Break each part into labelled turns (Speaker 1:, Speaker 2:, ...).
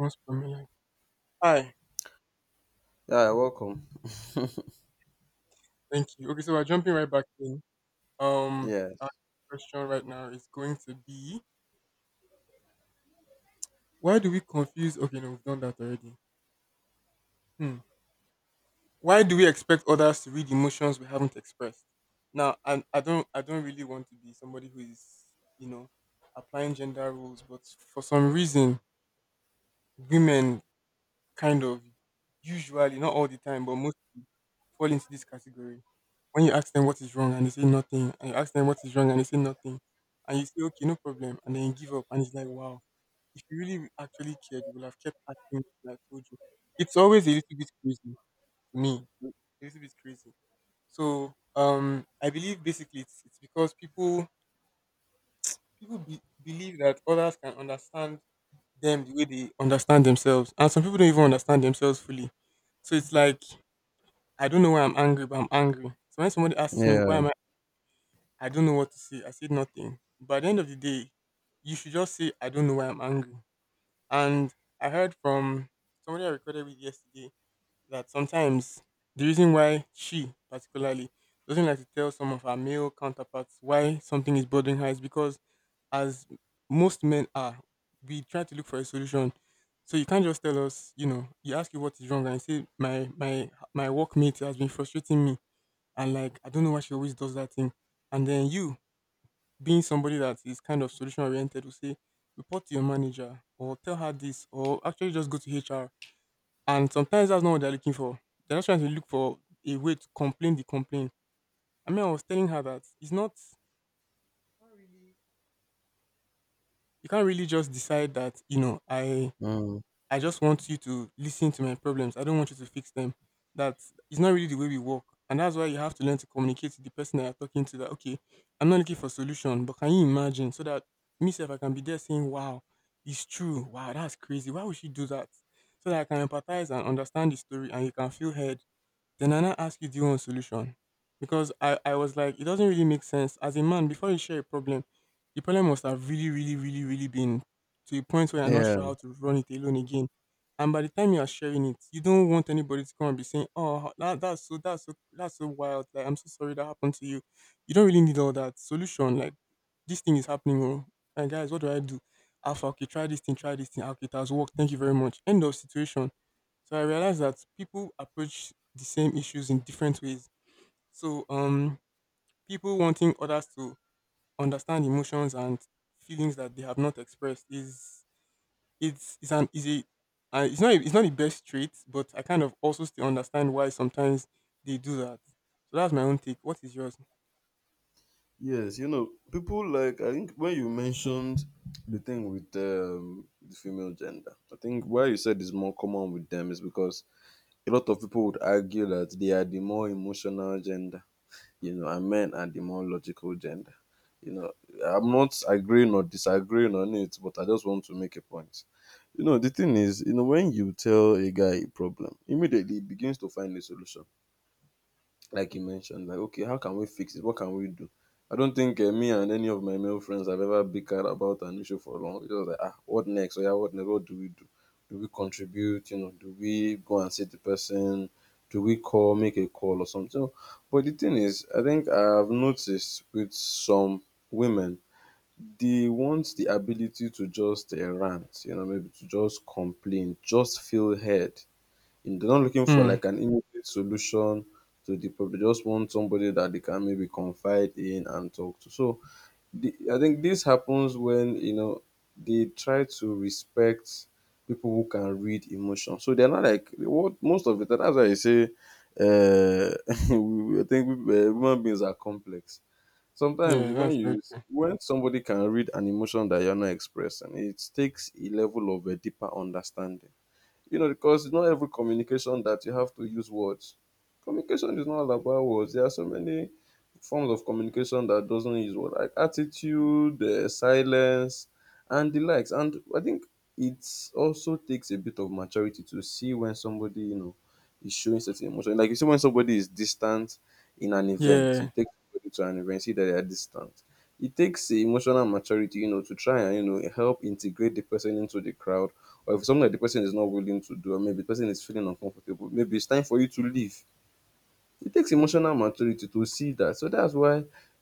Speaker 1: Most prominent. Hi,
Speaker 2: Yeah, welcome.
Speaker 1: thank you. Okay, so we're jumping right back in. Um, our
Speaker 2: Yes.
Speaker 1: question right now is going to be why do we confuse? Okay, no, we've done that already. Hmm. Why do we expect others to read emotions we haven't expressed? Now, I don't really want to be somebody who is, you know, applying gender rules, but for some reason, women kind of usually, not all the time, but mostly fall into this category. When you ask them what is wrong and they say nothing, and you ask them what is wrong and they say nothing, and you say, okay, no problem, and then you give up, and it's like, wow, if you really actually cared, you would have kept asking until I told you. It's always a little bit crazy to me, a little bit crazy. So, I believe basically it's because people believe that others can understand them the way they understand themselves, and some people don't even understand themselves fully. So it's like I don't know why I'm angry, but I'm angry. So when somebody asks me why
Speaker 2: Yeah.
Speaker 1: am I don't know what to say. I said nothing. But at the end of the day, you should just say I don't know why I'm angry. And I heard from somebody I recorded with yesterday that sometimes the reason why she particularly doesn't like to tell some of her male counterparts why something is bothering her is because as most men are, we try to look for a solution. So you can't just tell us, you ask you what is wrong and you say my workmate has been frustrating me and like I don't know why she always does that thing. And then you, being somebody that is kind of solution oriented, will say, report to your manager or tell her this or actually just go to HR. And sometimes that's not what they're looking for. They're just trying to look for a way to complain the complaint. I mean I was telling her that it's not you can't really just decide that, I
Speaker 2: Mm.
Speaker 1: I just want you to listen to my problems. I don't want you to fix them. That is not really the way we work. And that's why you have to learn to communicate to the person that you're talking to that, okay, I'm not looking for solution, but can you imagine? So that myself, I can be there saying, wow, it's true. Wow, that's crazy. Why would she do that? So that I can empathize and understand the story and you can feel heard then I now ask you, do you want solution? Because I was like, it doesn't really make sense. As a man, before you share a problem, the problem must have really, really, really, really been to a point where you're not
Speaker 2: Yeah.
Speaker 1: sure how to run it alone again. And by the time you are sharing it, you don't want anybody to come and be saying, "Oh, that's so wild. Like I'm so sorry that happened to you." You don't really need all that solution. Like this thing is happening, oh, and guys, what do I do? Alpha, okay, try this thing, try this thing. Okay, it has worked. Thank you very much. End of situation. So I realized that people approach the same issues in different ways. So people wanting others to understand emotions and feelings that they have not expressed is it's an easy a it's not the best trait, but I kind of also still understand why sometimes they do that. So that's my own take. What is yours?
Speaker 2: Yes, people like I think when you mentioned the thing with the female gender, I think why you said is more common with them is because a lot of people would argue that they are the more emotional gender, and men are the more logical gender. You know, I'm not agreeing or disagreeing on it, but I just want to make a point. The thing is, when you tell a guy a problem, immediately he begins to find a solution. Like you mentioned, like, okay, how can we fix it? What can we do? I don't think me and any of my male friends have ever bickered about an issue for long. It was like, ah, what next? Or yeah, what next? What do we do? Do we contribute? Do we go and see the person? Do we call, make a call or something? So, but the thing is, I think I've noticed with some women, they want the ability to just rant, maybe to just complain, just feel heard, they're not looking for
Speaker 1: Hmm.
Speaker 2: like an immediate solution to the problem. They just want somebody that they can maybe confide in and talk to. So the, I think this happens when they try to respect people who can read emotion. So they're not like what most of the time. That's why I say I think we, human beings are complex. Sometimes
Speaker 1: Yeah, that's very true.
Speaker 2: when somebody can read an emotion that you're not expressing, it takes a level of a deeper understanding, because not every communication that you have to use words. Communication is not all about words. There are so many forms of communication that doesn't use words, like attitude, silence, and the likes. And I think it also takes a bit of maturity to see when somebody, is showing certain emotion. Like you see when somebody is distant in an event, you
Speaker 1: Yeah,
Speaker 2: take somebody to an event, see that they are distant. It takes emotional maturity, to try and help integrate the person into the crowd, or if something that the person is not willing to do, or maybe the person is feeling uncomfortable, maybe it's time for you to leave. It takes emotional maturity to see that. So that's why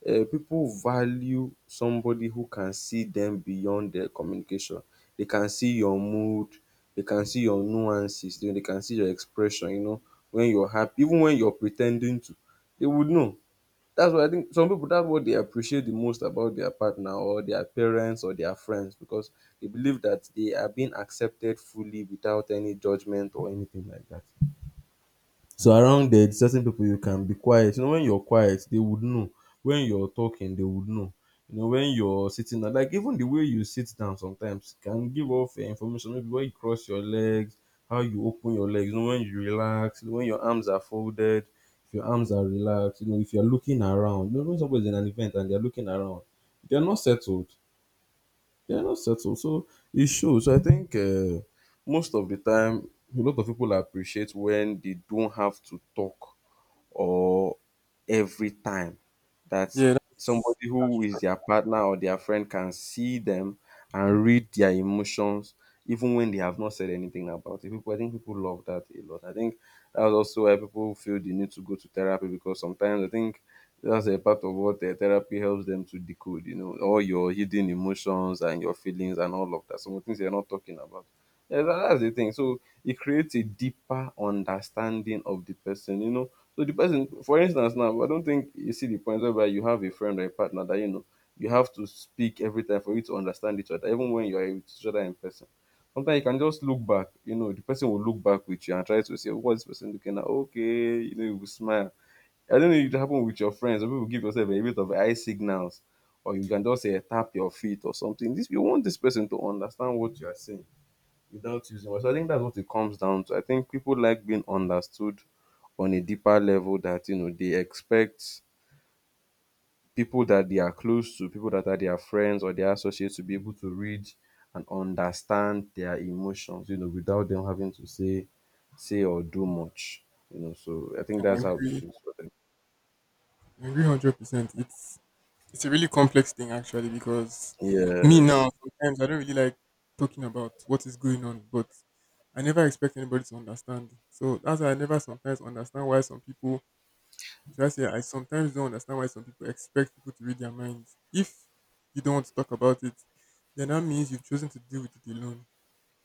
Speaker 2: people value somebody who can see them beyond their communication. They can see your mood, they can see your nuances, they can see your expression, when you're happy even when you're pre ten ding to, they would know. That's why I think some people, that's what they appreciate the most about their partner or their parents or their friends, because they believe that they are being accepted fully without any judgment or anything like that. So around there, certain people, you can be quiet. You know, when you're quiet, they would know. When you're talking, they would know. You know, when you're sitting down, like even the way you sit down sometimes can give off information. Maybe where you cross your legs, how you open your legs, when you relax, when your arms are folded, if your arms are relaxed, if you're looking around. When somebody's in an event and they're looking around, they're not settled, they're not settled. So it shows. So I think most of the time, a lot of people appreciate when they don't have to talk, or every time that
Speaker 1: yeah, that's
Speaker 2: somebody
Speaker 1: that's
Speaker 2: who
Speaker 1: true.
Speaker 2: is their partner or their friend can see them and read their emotions even when they have not said anything about it. People, I think people love that a lot. I think that was also why people feel the need to go to therapy, because sometimes I think that's a part of what the therapy helps them to decode, all your hidden emotions and your feelings and all of that. Some things you're not talking about. Yeah, that's the thing. So it creates a deeper understanding of the person. So the person, for instance, now I don't think you see the point whereby you have a friend or a partner that you have to speak every time for you to understand each other, even when you are with each other in person. Sometimes you can just look back, the person will look back with you and try to say, what's this person looking at? Okay, you will smile. I don't know if it happen with your friends. Some people give yourself a bit of eye signals, or you can just say tap your feet or something. This you want this person to understand what you are saying without using words. So I think that's what it comes down to. I think people like being understood on a deeper level, that they expect people that they are close to, people that are their friends or their associates, to be able to read and understand their emotions, without them having to say or do much. So I think
Speaker 1: I
Speaker 2: that's how it
Speaker 1: agree.
Speaker 2: feels for them.
Speaker 1: I agree 100%. It's a really complex thing actually because me
Speaker 2: Yes.
Speaker 1: now sometimes I don't really like talking about what is going on, but I never expect anybody to understand. So that's why I never sometimes understand why some people should I say I sometimes don't understand why some people expect people to read their minds. If you don't want to talk about it, then that means you've chosen to deal with it alone.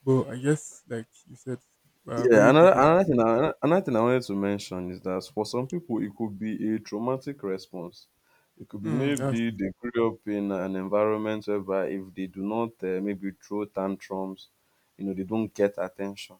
Speaker 1: But I guess like you said, we are
Speaker 2: Yeah,
Speaker 1: very
Speaker 2: another
Speaker 1: different.
Speaker 2: another thing I, another thing I wanted to mention is that for some people it could be a traumatic response. It could be
Speaker 1: Hmm, that's
Speaker 2: maybe they grew up in an environment whereby if they do not maybe throw tantrums, they don't get attention.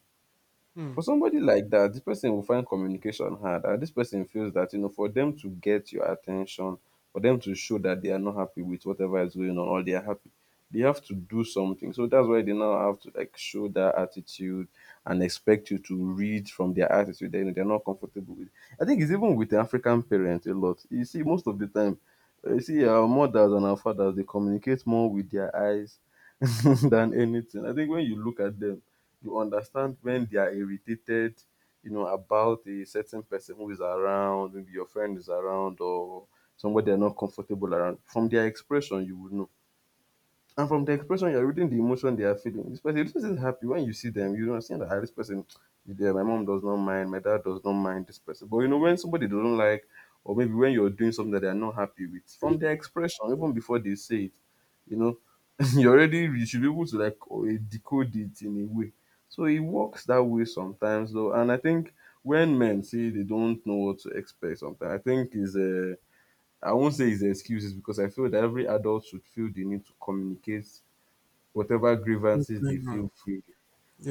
Speaker 1: hmm,
Speaker 2: For somebody like that, the person will find communication hard, and this person feels that for them to get your attention, for them to show that they are not happy with whatever is going on or they are happy, they have to do something. So that's why they now have to like show that attitude and expect you to read from their attitude that, they're not comfortable with. I think it's even with the African parents a lot. You see most of the time, you see our mothers and our fathers, they communicate more with their eyes than anything. I think when you look at them, you understand when they are irritated, about a certain person who is around, maybe your friend is around or somebody they're not comfortable around. From their expression, you would know. And from the expression, you're reading the emotion they are feeling. This person, this is happy. When you see them, you don't see that, "Ah, this person is there. My mom does not mind. My dad does not mind this person." But you know, when somebody they don't like, or maybe when you're doing something that they're not happy with, from their expression, even before they say it, you know, you already, you should be able to like, oh, decode it in a way. So it works that way sometimes though. And I think when men say they don't know what to expect sometimes, I think is a, I won't say it's excuses, because I feel that every adult should feel the need to communicate whatever
Speaker 1: what's
Speaker 2: grievances they
Speaker 1: going on?
Speaker 2: feel free.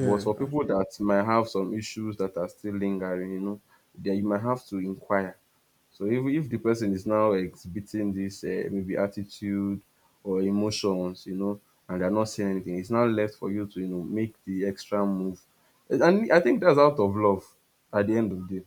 Speaker 2: But for
Speaker 1: that's,
Speaker 2: people that might have some issues that are still lingering, then you might have to inquire. So if the person is now exhibiting this, maybe attitude or emotions, and they're not saying anything, it's now left for you to, make the extra move. And I think that's out of love at the end of the day,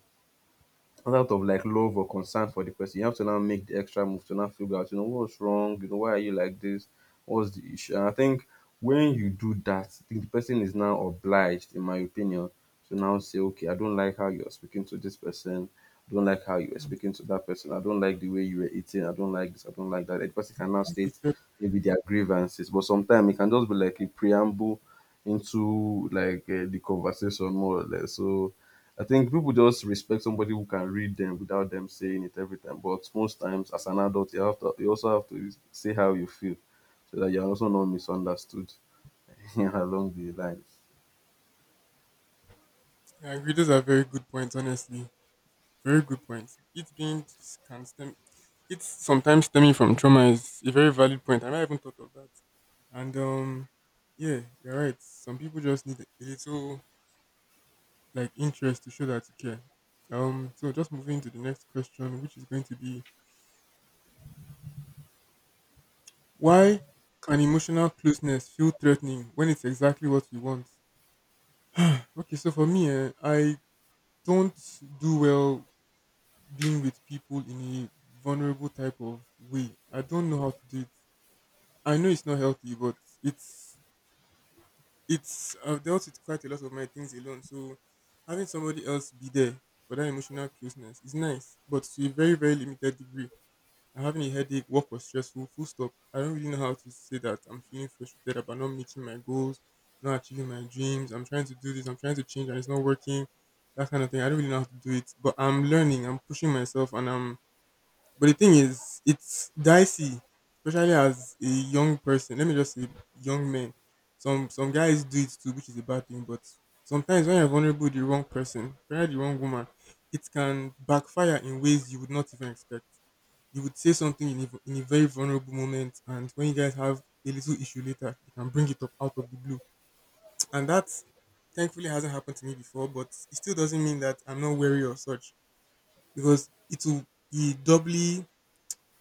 Speaker 2: not out of like love or concern for the person. You have to now make the extra move to now figure out, what's wrong, why are you like this? What's the issue? And I think when you do that, I think the person is now obliged, in my opinion, to now say, okay, I don't like how you're speaking to this person. I don't like how you were speaking to that person. I don't like the way you were eating. I don't like this. I don't like that. Like, the person can now
Speaker 1: that's the
Speaker 2: state
Speaker 1: fact.
Speaker 2: maybe their grievances, but sometimes it can just be like a preamble into like the conversation more or less. So I think people just respect somebody who can read them without them saying it every time. But most times, as an adult, you also have to say how you feel, so that you're also not misunderstood along the line.
Speaker 1: I agree. Those are very good points, honestly. Very good point. It being s- can stem, it's sometimes stemming from trauma is a very valid point. I never even thought of that. And yeah, you're right. Some people just need a little like interest to show that you care. So just moving to the next question, which is going to be why can emotional closeness feel threatening when it's exactly what we want? Okay, so for me, I don't do well being with people in a vulnerable type of way. I don't know how to do it. I know it's not healthy, but it's it's I've dealt with quite a lot of my things alone. So having somebody else be there for that emotional closeness is nice, but to a very very limited degree. I'm having a headache, work was stressful, full stop. I don't really know how to say that I'm feeling frustrated about not meeting my goals, not achieving my dreams. I'm trying to do this, I'm trying to change, and it's not working. That kind of thing. I don't really know how to do it, but I'm learning. I'm pushing myself, and I'm but the thing is, it's dicey, especially as a young person. Let me just say, young men. Some guys do it too, which is a bad thing. But sometimes when you're vulnerable, with the wrong person, probably the wrong woman, it can backfire in ways you would not even expect. You would say something in a very vulnerable moment, and when you guys have a little issue later, you can bring it up out of the blue. And that, thankfully, hasn't happened to me before. But it still doesn't mean that I'm not wary or such, because it will be doubly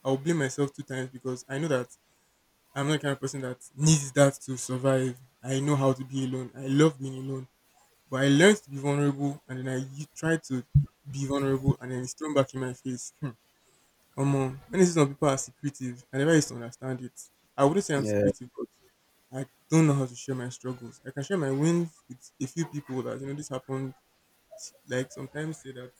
Speaker 1: I'll blame myself two times because I know that I'm not the kind of person that needs that to survive. I know how to be alone. I love being alone. But I learned to be vulnerable and then I tried to be vulnerable and then it's thrown back in my face. Hmm. Come on. When you see some people are secretive, I never used to understand it. I wouldn't say I'm
Speaker 2: Yeah,
Speaker 1: secretive, but I don't know how to share my struggles. I can share my wins with a few people that, this happened. Like sometimes say that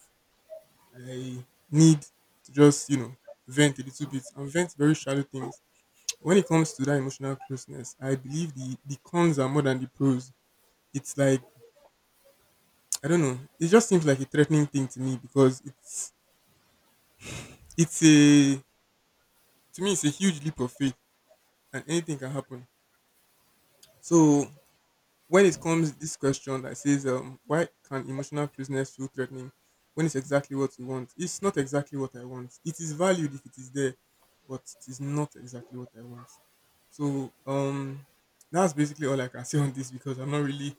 Speaker 1: I need to just, vent a little bit and vent very shallow things when it comes to that emotional closeness, I believe the cons are more than the pros. It's like I don't know. It just seems like a threatening thing to me because it's a to me it's a huge leap of faith and anything can happen. So when it comes this question that says why can emotional closeness feel threatening when it's exactly what you want? It's not exactly what I want. It is valued if it is there, but it is not exactly what I want. So, that's basically all I can say on this because I'm not really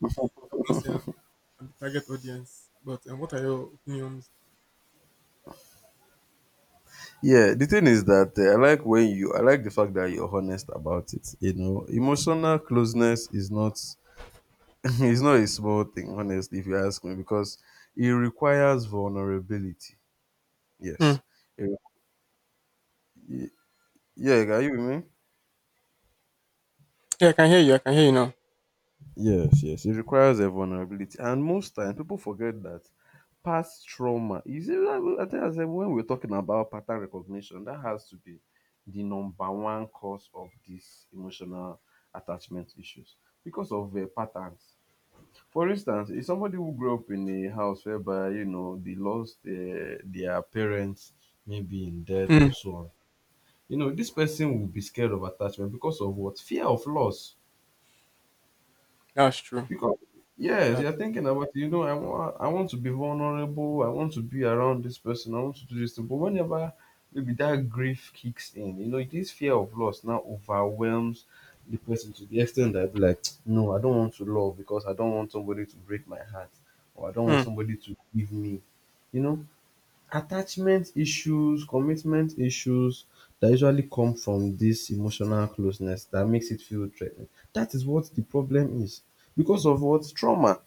Speaker 1: I'm not saying and the target audience. But what are your opinions?
Speaker 2: yeah. The thing is that, I like when you. I like the fact that you're honest about it. You know, emotional closeness is not is not a small thing, honestly. If you ask me, because it requires vulnerability.
Speaker 1: Hmm.
Speaker 2: Yes. It- yeah, are you with me?
Speaker 1: Yeah, I can hear you. I can hear you now.
Speaker 2: Yes, yes. It requires a vulnerability. And most times people forget that past trauma. You see, I think I said when we're talking about pattern recognition, that has to be the number one cause of these emotional attachment issues because of patterns. For instance, if somebody who grew up in a house whereby, you know, they lost their parents, maybe in death
Speaker 1: Hmm.
Speaker 2: or so on, you know, this person will be scared of attachment because of what? Fear of loss.
Speaker 1: That's true.
Speaker 2: Because yes,
Speaker 1: That's.
Speaker 2: you're thinking about, you know, I want to be vulnerable. I want to be around this person. I want to do this thing. But whenever maybe that grief kicks in, you know this fear of loss now overwhelms the person to the extent that I'd be like, no, I don't want to love because I don't want somebody to break my heart or I don't want
Speaker 1: Hmm.
Speaker 2: somebody to leave me. You know, attachment issues, commitment issues that usually come from this emotional closeness that makes it feel threatening. That is what the problem is because of what? Trauma.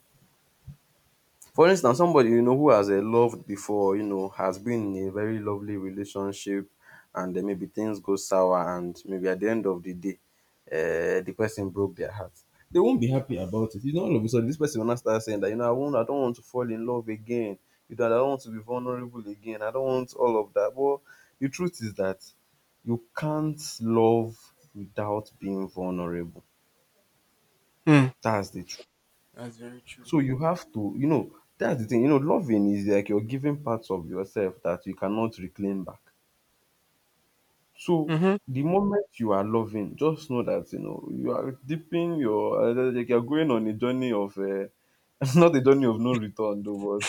Speaker 2: For instance, somebody, you know, who has loved before, you know, has been in a very lovely relationship, and then maybe things go sour, and maybe at the end of the day, the person broke their heart. They won't be happy about it. You know, all of a sudden, this person will not start saying that, you know, I don't want to fall in love again. You know, I don't want to be vulnerable again. I don't want all of that. But the truth is that you can't love without being vulnerable.
Speaker 1: Hmm.
Speaker 2: That's the truth.
Speaker 1: That's very true.
Speaker 2: So you have to, you know, that's the thing, you know, loving is like you're giving parts of yourself that you cannot reclaim back. So
Speaker 1: Mhm.
Speaker 2: the moment you are loving, just know that you know you are dipping your, like you're going on a journey of not a journey of no return though,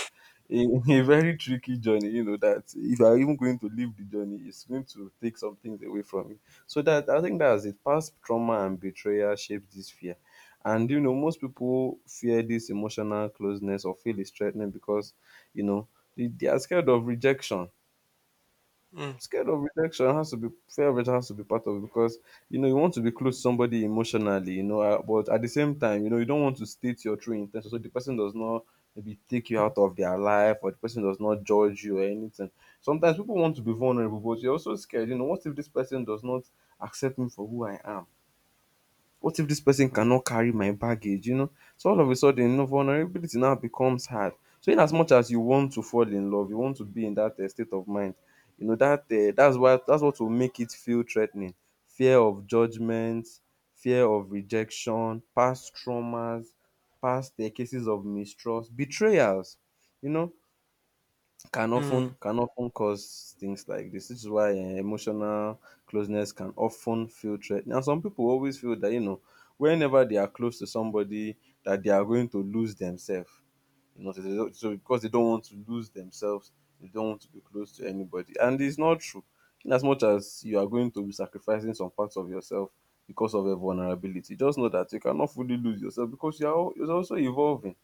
Speaker 2: but a very tricky journey, you know, that if you're even going to leave the journey, it's going to take some things away from you. So that, I think that's it. Past trauma and betrayal shapes this fear. And you know, most people fear this emotional closeness or feel it's threatening because, you know, they are scared of rejection.
Speaker 1: Hmm.
Speaker 2: Scared of rejection has to be, fear of rejection has to be part of it because you know you want to be close to somebody emotionally, you know, but at the same time you know you don't want to state your true intention so the person does not maybe take you out of their life or the person does not judge you or anything. Sometimes people want to be vulnerable but you're also scared, you know, what if this person does not accept me for who I am? What if this person
Speaker 1: Hmm.
Speaker 2: cannot carry my baggage? You know, so all of a sudden, you know, vulnerability now becomes hard. So in as much as you want to fall in love, you want to be in that state of mind, you know that that's why, that's what will make it feel threatening. Fear of judgment, fear of rejection, past traumas, past cases of mistrust, betrayals. You know,
Speaker 1: Hmm.
Speaker 2: can often cause things like this. This is why emotional closeness can often feel threatening. And some people always feel that, you know, whenever they are close to somebody, that they are going to lose themselves. You know, so, they don't- so because they don't want to lose themselves, they don't want to be close to anybody, and it's not true. In as much as you are going to be sacrificing some parts of yourself because of your vulnerability, just know that you cannot fully lose yourself because you're also evolving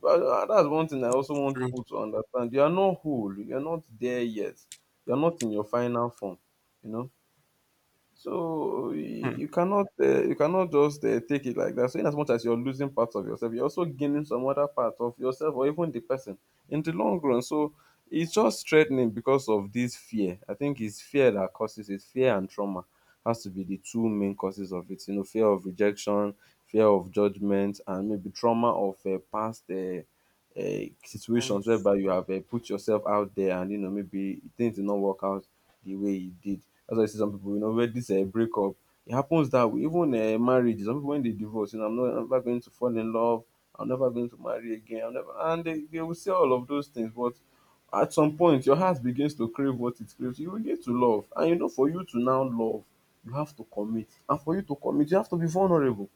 Speaker 2: but that's one thing I also
Speaker 1: That's
Speaker 2: want
Speaker 1: true.
Speaker 2: people to understand. You are not whole. You are not there yet. You are not in your final form. You know. So you,
Speaker 1: Hmm.
Speaker 2: you cannot just take it like that. So in as much as you're losing parts of yourself, you're also gaining some other part of yourself or even the person in the long run. So it's just threatening because of this fear. I think it's fear that causes it. Fear and trauma has to be the two main causes of it. You know, fear of rejection, fear of judgment, and maybe trauma of past.
Speaker 1: And
Speaker 2: Situations whereby you have put yourself out there and you know maybe things did not work out the way he did. That's why you see some people, you know, when this breakup, it happens that way. Even marriage, some people when they divorce, you know, I'm never going to fall in love. I'm never going to marry again. I'm never, and they will say all of those things, but at some point your heart begins to crave what it craves. You begin to love, and you know, for you to now love, you have to commit, and for you to commit, you have to be vulnerable.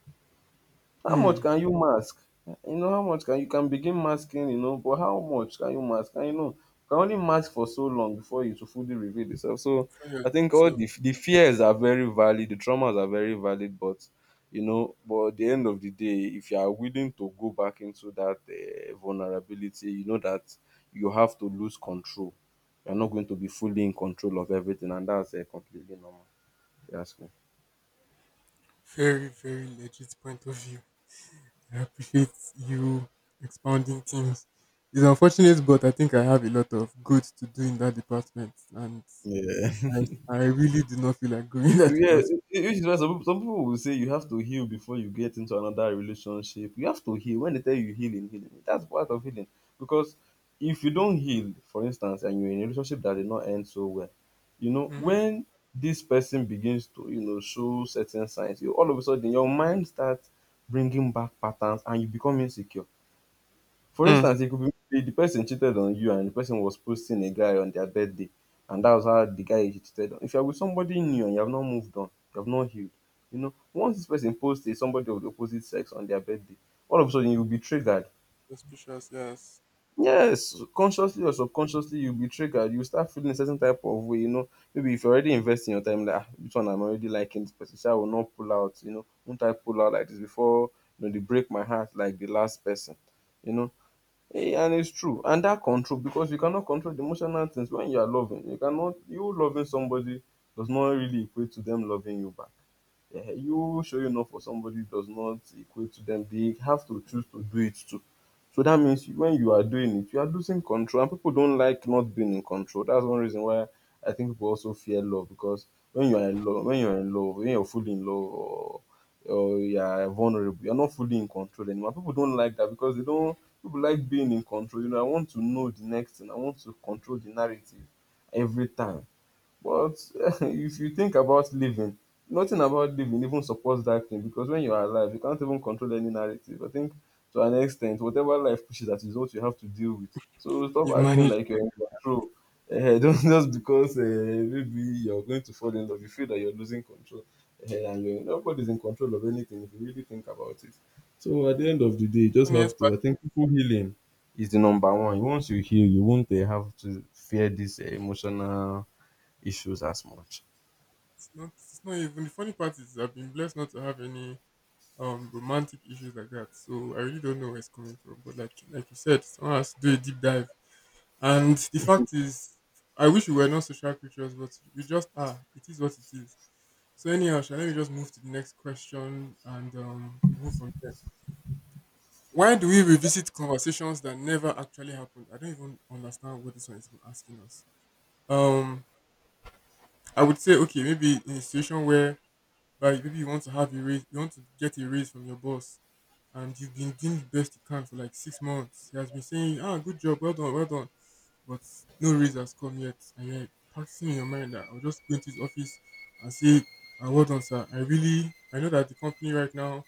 Speaker 2: How much
Speaker 1: hmm.
Speaker 2: can you mask? You know, how much can you can begin masking, you know, but how much can you mask? And you know, you can only mask for so long before you to fully reveal yourself. So
Speaker 1: From your
Speaker 2: I think all
Speaker 1: yourself,
Speaker 2: the fears are very valid, the traumas are very valid, but you know, but at the end of the day, if you are willing to go back into that vulnerability, you know that you have to lose control. You're not going to be fully in control of everything, and that's completely normal, if you ask me.
Speaker 1: very very legit point of view. I appreciate you expounding things. It's unfortunate, but I think I have a lot of good to do in that department, and
Speaker 2: Yeah.
Speaker 1: I I really do not feel like going that
Speaker 2: Yeah,
Speaker 1: department.
Speaker 2: which is why some people will say you have to heal before you get into another relationship. You have to heal. When they tell you healing, healing, that's part of healing. Because if you don't heal, for instance, and you're in a relationship that did not end so well, you know,
Speaker 1: Mhm.
Speaker 2: when this person begins to, you know, show certain signs, you all of a sudden your mind starts bringing back patterns and you become insecure. For
Speaker 1: Hmm.
Speaker 2: instance, it could be the person cheated on you and the person was posting a guy on their birthday, and that was how the guy he cheated on. If you are with somebody new and you have not moved on, you have not healed, you know, once this person posts a somebody of the opposite sex on their birthday, all of a sudden you'll be triggered.
Speaker 1: Suspicious, yes.
Speaker 2: Yes, consciously or subconsciously, you'll be triggered. You start feeling a certain type of way, you know. Maybe if you're already investing your time, like, ah, which one, I'm already liking this person, so I will not pull out, you know. Won't I pull out like this before, you know, they break my heart like the last person, you know. Yeah, and it's true. And that control, because you cannot control the emotional things when you are loving. You loving somebody does not really equate to them loving you back. Yeah, you showing up for somebody does not equate to them. They have to choose to do it too. So that means when you are doing it, you are losing control, and people don't like not being in control. That's one reason why I think people also fear love because when you are in love, when you are in love, when you're fully in love, or you are vulnerable. You're not fully in control anymore. People don't like that because they don't. People like being in control. You know, I want to know the next thing. I want to control the narrative every time. But if you think about living, nothing about living even supports that thing because when you are alive, you can't even control any narrative. I think to an extent, whatever life pushes at you is what you have to deal with. So stop
Speaker 1: You've
Speaker 2: acting
Speaker 1: managed
Speaker 2: like you're
Speaker 1: like
Speaker 2: in
Speaker 1: that.
Speaker 2: control. Eh, don't, just because maybe you're going to fall in love, you feel that you're losing control. Eh, and you're, nobody's in control of anything if you really think about it. So at the end of the day, you just have
Speaker 1: Funniest part,
Speaker 2: to. I think people healing is the number one. Once you heal, you won't have to fear this emotional issues as much.
Speaker 1: it's not even the funny part is I've been blessed not to have any romantic issues like that. So I really don't know where it's coming from. But like you said, someone has to do a deep dive. And the fact is, I wish we were not social creatures, but we just are. It is what it is. So anyhow, shall let me just move to the next question and we move from there. Why do we revisit conversations that never actually happened? I don't even understand what this one is even asking us. Um, I would say okay, maybe in a situation where, like maybe you want to have a raise, you want to get a raise from your boss, and you've been doing the best you can for like 6 months. He has been saying, "Ah, good job, well done," but no raise has come yet, and you're practicing in your mind that I'll just go into his office and say, ah, "Well done, sir. I know that the company right now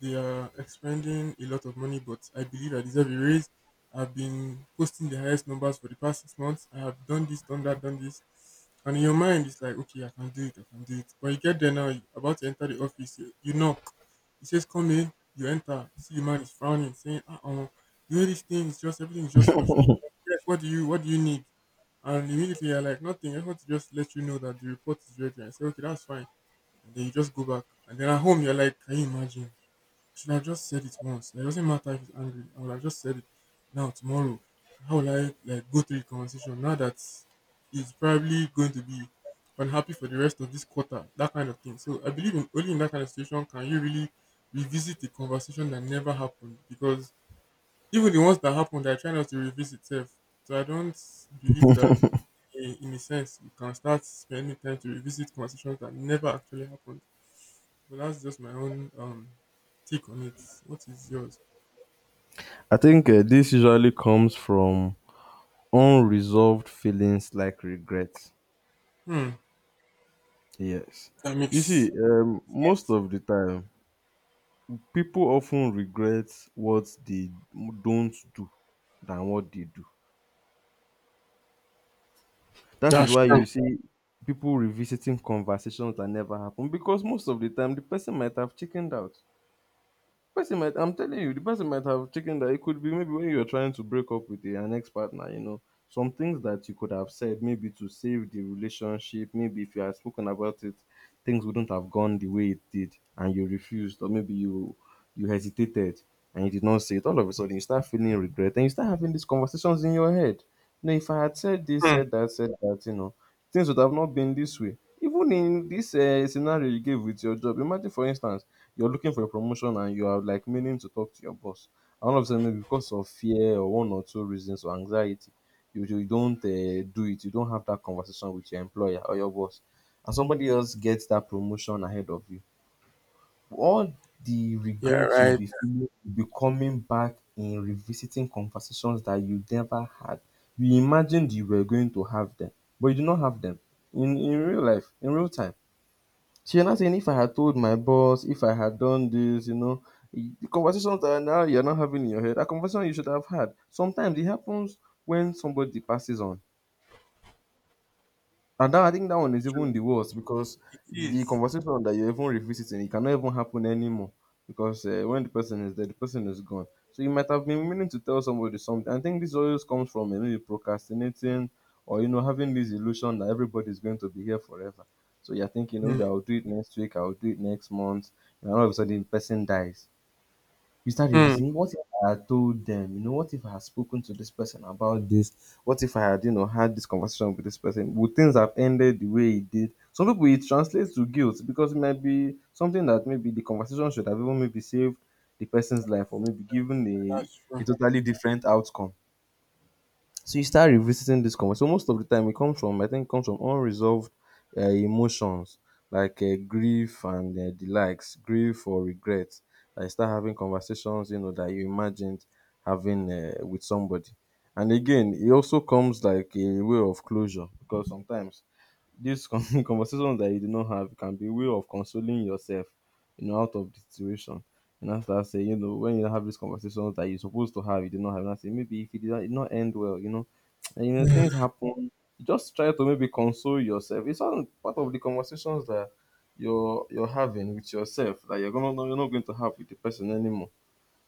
Speaker 1: they are expending a lot of money, but I believe I deserve a raise. I've been posting the highest numbers for the past 6 months. I have done this, done that, done this." And in your mind, it's like, okay, I can do it, I can do it. But you get there now, you about to enter the office, you knock. He says, come in, you enter, see the man is frowning, saying, uh oh, the way this thing is just, everything is just frustrating. Yes, what do you need? And immediately you're like, nothing. I want to just let you know that the report is ready. I say, okay, that's fine. And then you just go back. And then at home, you're like, can you imagine? Should I have just said it once? Like, it doesn't matter if he's angry. I would have just said it now tomorrow. How will I like go through the conversation now that he's probably going to be unhappy for the rest of this quarter? That kind of thing. So I believe, in, only in that kind of situation can you really revisit the conversation that never happened, because even the ones that happened, I try not to revisit self. So I don't believe that in a sense you can start spending time to revisit conversations that never actually happened. But that's just my own take on it. What is yours?
Speaker 2: I think this usually comes from unresolved feelings like regret.
Speaker 1: Hmm.
Speaker 2: Yes.
Speaker 1: That
Speaker 2: You see,
Speaker 1: makes
Speaker 2: most
Speaker 1: sense.
Speaker 2: of the time, people often regret what they don't do than what they do. That is
Speaker 1: That's
Speaker 2: why
Speaker 1: true.
Speaker 2: you see people revisiting conversations that never happened because most of the time the person might have chickened out. Person might, I'm telling you, the person might have taken that. It could be maybe when you're trying to break up with an ex partner, you know, some things that you could have said maybe to save the relationship. Maybe if you had spoken about it, things wouldn't have gone the way it did, and you refused, or maybe you hesitated and you did not say it. All of a sudden, you start feeling regret, and you start having these conversations in your head. You know, if I had said this,
Speaker 1: Hmm.
Speaker 2: said that, you know, things would have not been this way. Even in this scenario you gave with your job, imagine for instance you're looking for a promotion and you are like meaning to talk to your boss, and all of a sudden maybe because of fear or one or two reasons or anxiety you don't do it. You don't have that conversation with your employer or your boss, and somebody else gets that promotion ahead of you. All the
Speaker 1: Yeah,
Speaker 2: regrets you'll
Speaker 1: right.
Speaker 2: be feeling will be coming back in revisiting conversations that you never had. You imagined you were going to have them, but you do not have them in real life, in real time. She was not saying if I had told my boss, if I had done this, you know, the conversations that now you're not having in your head, a conversation you should have had. Sometimes it happens when somebody passes on. And that, I think that one is
Speaker 1: True.
Speaker 2: even the worst because
Speaker 1: It
Speaker 2: the
Speaker 1: is.
Speaker 2: conversation that you're even revisiting, it cannot even happen anymore because when the person is there, the person is gone. So you might have been meaning to tell somebody something. I think this always comes from maybe procrastinating or, you know, having this illusion that everybody's going to be here forever. So you're thinking,
Speaker 1: Hmm.
Speaker 2: maybe I'll do it next week, I'll do it next month, and all of a sudden, the person dies. You start
Speaker 1: Hmm.
Speaker 2: revising. What if I had told them? You know, what if I had spoken to this person about this? What if I had, you know, had this conversation with this person? Would things have ended the way it did? Some people, it translates to guilt because it might be something that maybe the conversation should have even maybe saved the person's life or maybe given a,
Speaker 1: That's
Speaker 2: a
Speaker 1: true.
Speaker 2: totally different outcome. So you start revisiting this conversation. So most of the time, it comes from, I think it comes from unresolved emotions like grief and the likes, grief or regret. I start having conversations, you know, that you imagined having with somebody. And again, it also comes like a way of closure because sometimes these conversations that you did not have can be a way of consoling yourself, you know, out of the situation. And I start saying, you know, when you have these conversations that you're supposed to have, you did not have, and I say, maybe if it did not, it not end well, you know, and you know,
Speaker 1: Hmm.
Speaker 2: things happen. You just try to maybe console yourself. It's all part of the conversations that you're having with yourself, that you're not going to have with the person anymore.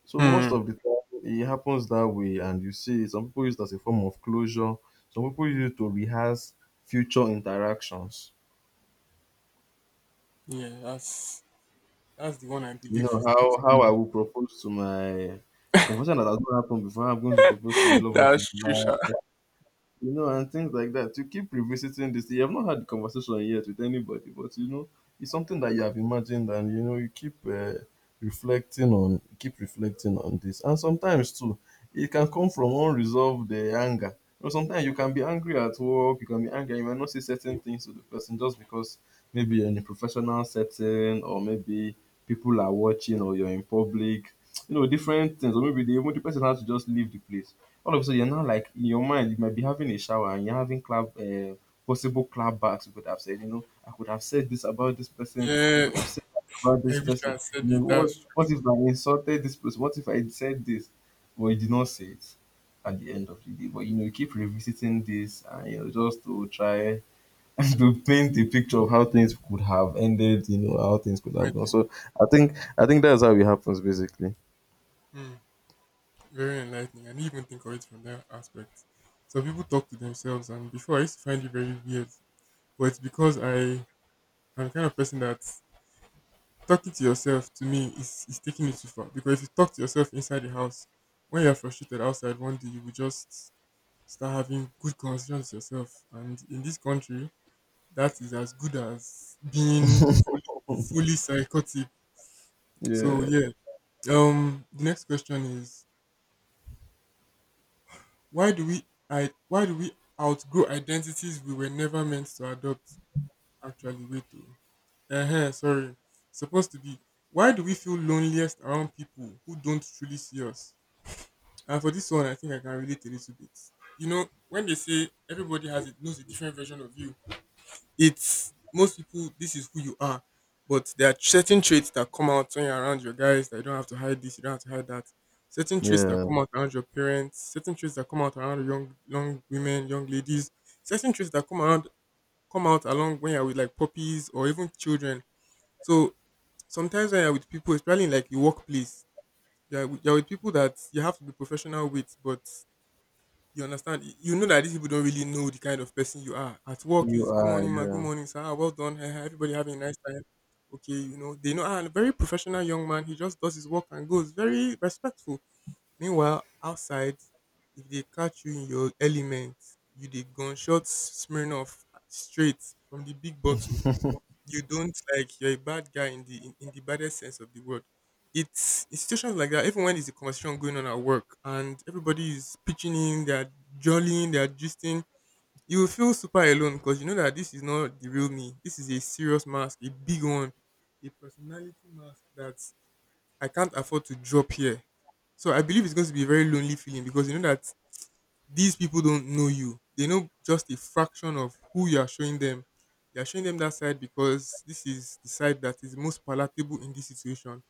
Speaker 2: So most
Speaker 1: Hmm.
Speaker 2: of the time it happens that way, and you see some people use it as a form of closure. Some people use it to rehearse future interactions.
Speaker 1: Yeah, that's the one I
Speaker 2: You
Speaker 1: believe
Speaker 2: know
Speaker 1: is.
Speaker 2: how
Speaker 1: Hmm.
Speaker 2: I will propose to my confession that has not happened before. I'm going to propose to the love of
Speaker 1: That's
Speaker 2: my
Speaker 1: true,
Speaker 2: life,
Speaker 1: Sha.
Speaker 2: you know, and things like that. You keep revisiting this. You have not had the conversation yet with anybody, but you know, it's something that you have imagined, and you know, you keep reflecting on, keep reflecting on this. And sometimes too, it can come from unresolved anger. You know, sometimes you can be angry at work. You can be angry. You might not say certain things to the person just because maybe you're in a professional setting, or maybe people are watching, or you're in public. You know, different things, or maybe the, even the person has to just leave the place. All of a sudden, you're now like in your mind, you might be having a shower and you're having possible clapbacks. You could have said, you know, I could have said this about this person. I
Speaker 1: Yeah,
Speaker 2: could have said that about
Speaker 1: I
Speaker 2: this
Speaker 1: wish I
Speaker 2: person.
Speaker 1: had said
Speaker 2: You know,
Speaker 1: it.
Speaker 2: what
Speaker 1: That's
Speaker 2: what
Speaker 1: true.
Speaker 2: if I insulted this person? What if I said this? But you did not say it at the end of the day. But you know, you keep revisiting this and, you know, just to try to paint a picture of how things could have ended. You know, how things could have gone.
Speaker 1: Right.
Speaker 2: So I think that's how it happens basically.
Speaker 1: Hmm. Very enlightening. I didn't even think of it from that aspect. So people talk to themselves, and before I used to find it very weird, but it's because I'm the kind of person that talking to yourself to me is taking it too far, because if you talk to yourself inside the house when you're frustrated outside one day you will just start having good conversations with yourself, and in this country that is as good as being fully, fully psychotic. So
Speaker 2: Yeah.
Speaker 1: yeah, the next question is why do we outgrow identities we were never meant to adopt. Actually, wait, to uh, sorry, supposed to be, why do we feel loneliest around people who don't truly see us? And for this one, I think I can relate a little bit. You know, when they say everybody has it knows a different version of you, it's most people this is who you are. But there are certain traits that come out when you're around your guys that you don't have to hide this, you don't have to hide that. Certain traits that
Speaker 2: Yeah.
Speaker 1: come out around your parents, certain traits that come out around young women, young ladies, certain traits that come around come out along when you're with like puppies or even children. So sometimes when you're with people, especially in like your workplace, you're with people that you have to be professional with, but you understand? You know that these people don't really know the kind of person you are. At work
Speaker 2: You
Speaker 1: is good
Speaker 2: are.
Speaker 1: morning, man. Good
Speaker 2: Yeah.
Speaker 1: morning, sir. Ah, well done. Everybody having a nice time. Okay, you know they know. And a very professional young man. He just does his work and goes. Very respectful. Meanwhile, outside, if they catch you in your element, you the gunshot smearing off straight from the big bottle, you don't like you're a bad guy in the baddest sense of the word. It's situations like that. Even when there's a conversation going on at work and everybody is pitching in, they're jollying, they're gisting, you will feel super alone because you know that this is not the real me. This is a serious mask, a big one, a personality mask that I can't afford to drop here. So I believe it's going to be a very lonely feeling because you know that these people don't know you. They know just a fraction of who you are showing them. You are showing them that side because this is the side that is most palatable in this situation.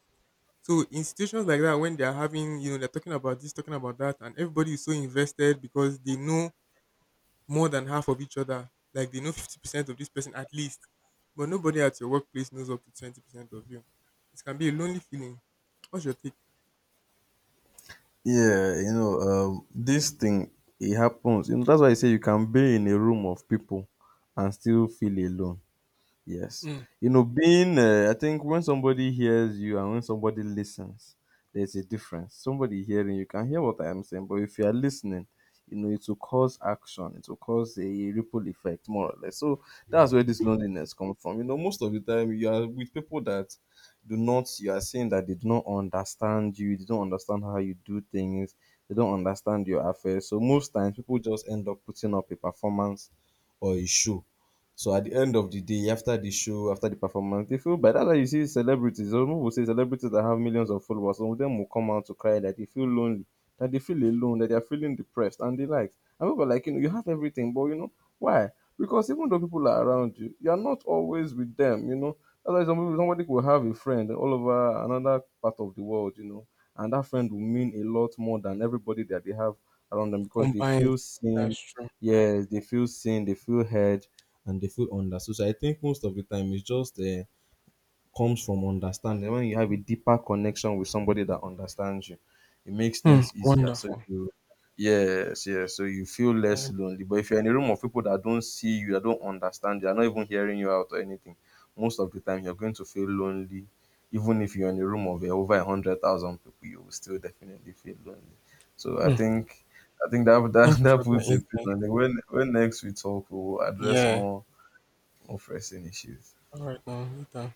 Speaker 1: So in situations like that, when they are having, you know, they're talking about this, talking about that, and everybody is so invested because they know more than half of each other. Like they know 50% of this person at least, but nobody at your workplace knows up to 20% of you. It can be a lonely feeling. What's your take?
Speaker 2: Yeah, you know, this thing, it happens. You know, that's why I say you can be in a room of people and still feel alone. Yes.
Speaker 1: Hmm.
Speaker 2: You know, being, I think when somebody hears you and when somebody listens, there's a difference. Somebody hearing you can hear what I am saying, but if you are listening, you know, it will cause action, it will cause a ripple effect, more or less. So that's where this loneliness comes from. You know, most of the time you are with people that do not, you are saying that they do not understand you, they don't understand how you do things, they don't understand your affairs. So most times people just end up putting up a performance or a show, so at the end of the day, after the show, after the performance, they feel. By that, why you see celebrities. Some people say celebrities that have millions of followers. Some of them will come out to cry that they feel lonely, that they feel alone, that they are feeling depressed, and the likes. And people are like, you know, you have everything, but you know why? Because even though people are around you, you are not always with them. You know, that's why some people, somebody will have a friend all over another part of the world. You know, and that friend will mean a lot more than everybody that they have around them because they
Speaker 1: Combined.
Speaker 2: feel seen.
Speaker 1: That's true.
Speaker 2: Yes, they feel seen, they feel heard, and they feel understood. So I think most of the time it just comes from understanding. When you have a deeper connection with somebody that understands you, it makes
Speaker 1: Hmm.
Speaker 2: things easier. So
Speaker 1: Wonderful.
Speaker 2: you, yes, yes. So you feel less
Speaker 1: Um,
Speaker 2: lonely. But if you're in a room of people that don't see you, that don't understand you, are not even hearing you out or anything, most of the time you're going to feel lonely. Even if you're in a room of over 100,000 people, you will still definitely feel lonely. So I
Speaker 1: hmm.
Speaker 2: think I think that that,
Speaker 1: Thank you
Speaker 2: that
Speaker 1: for that
Speaker 2: puts a pin
Speaker 1: insight.
Speaker 2: on it. When next we talk, we'll address
Speaker 1: Yeah.
Speaker 2: more of resting issues.
Speaker 1: All right now. Later.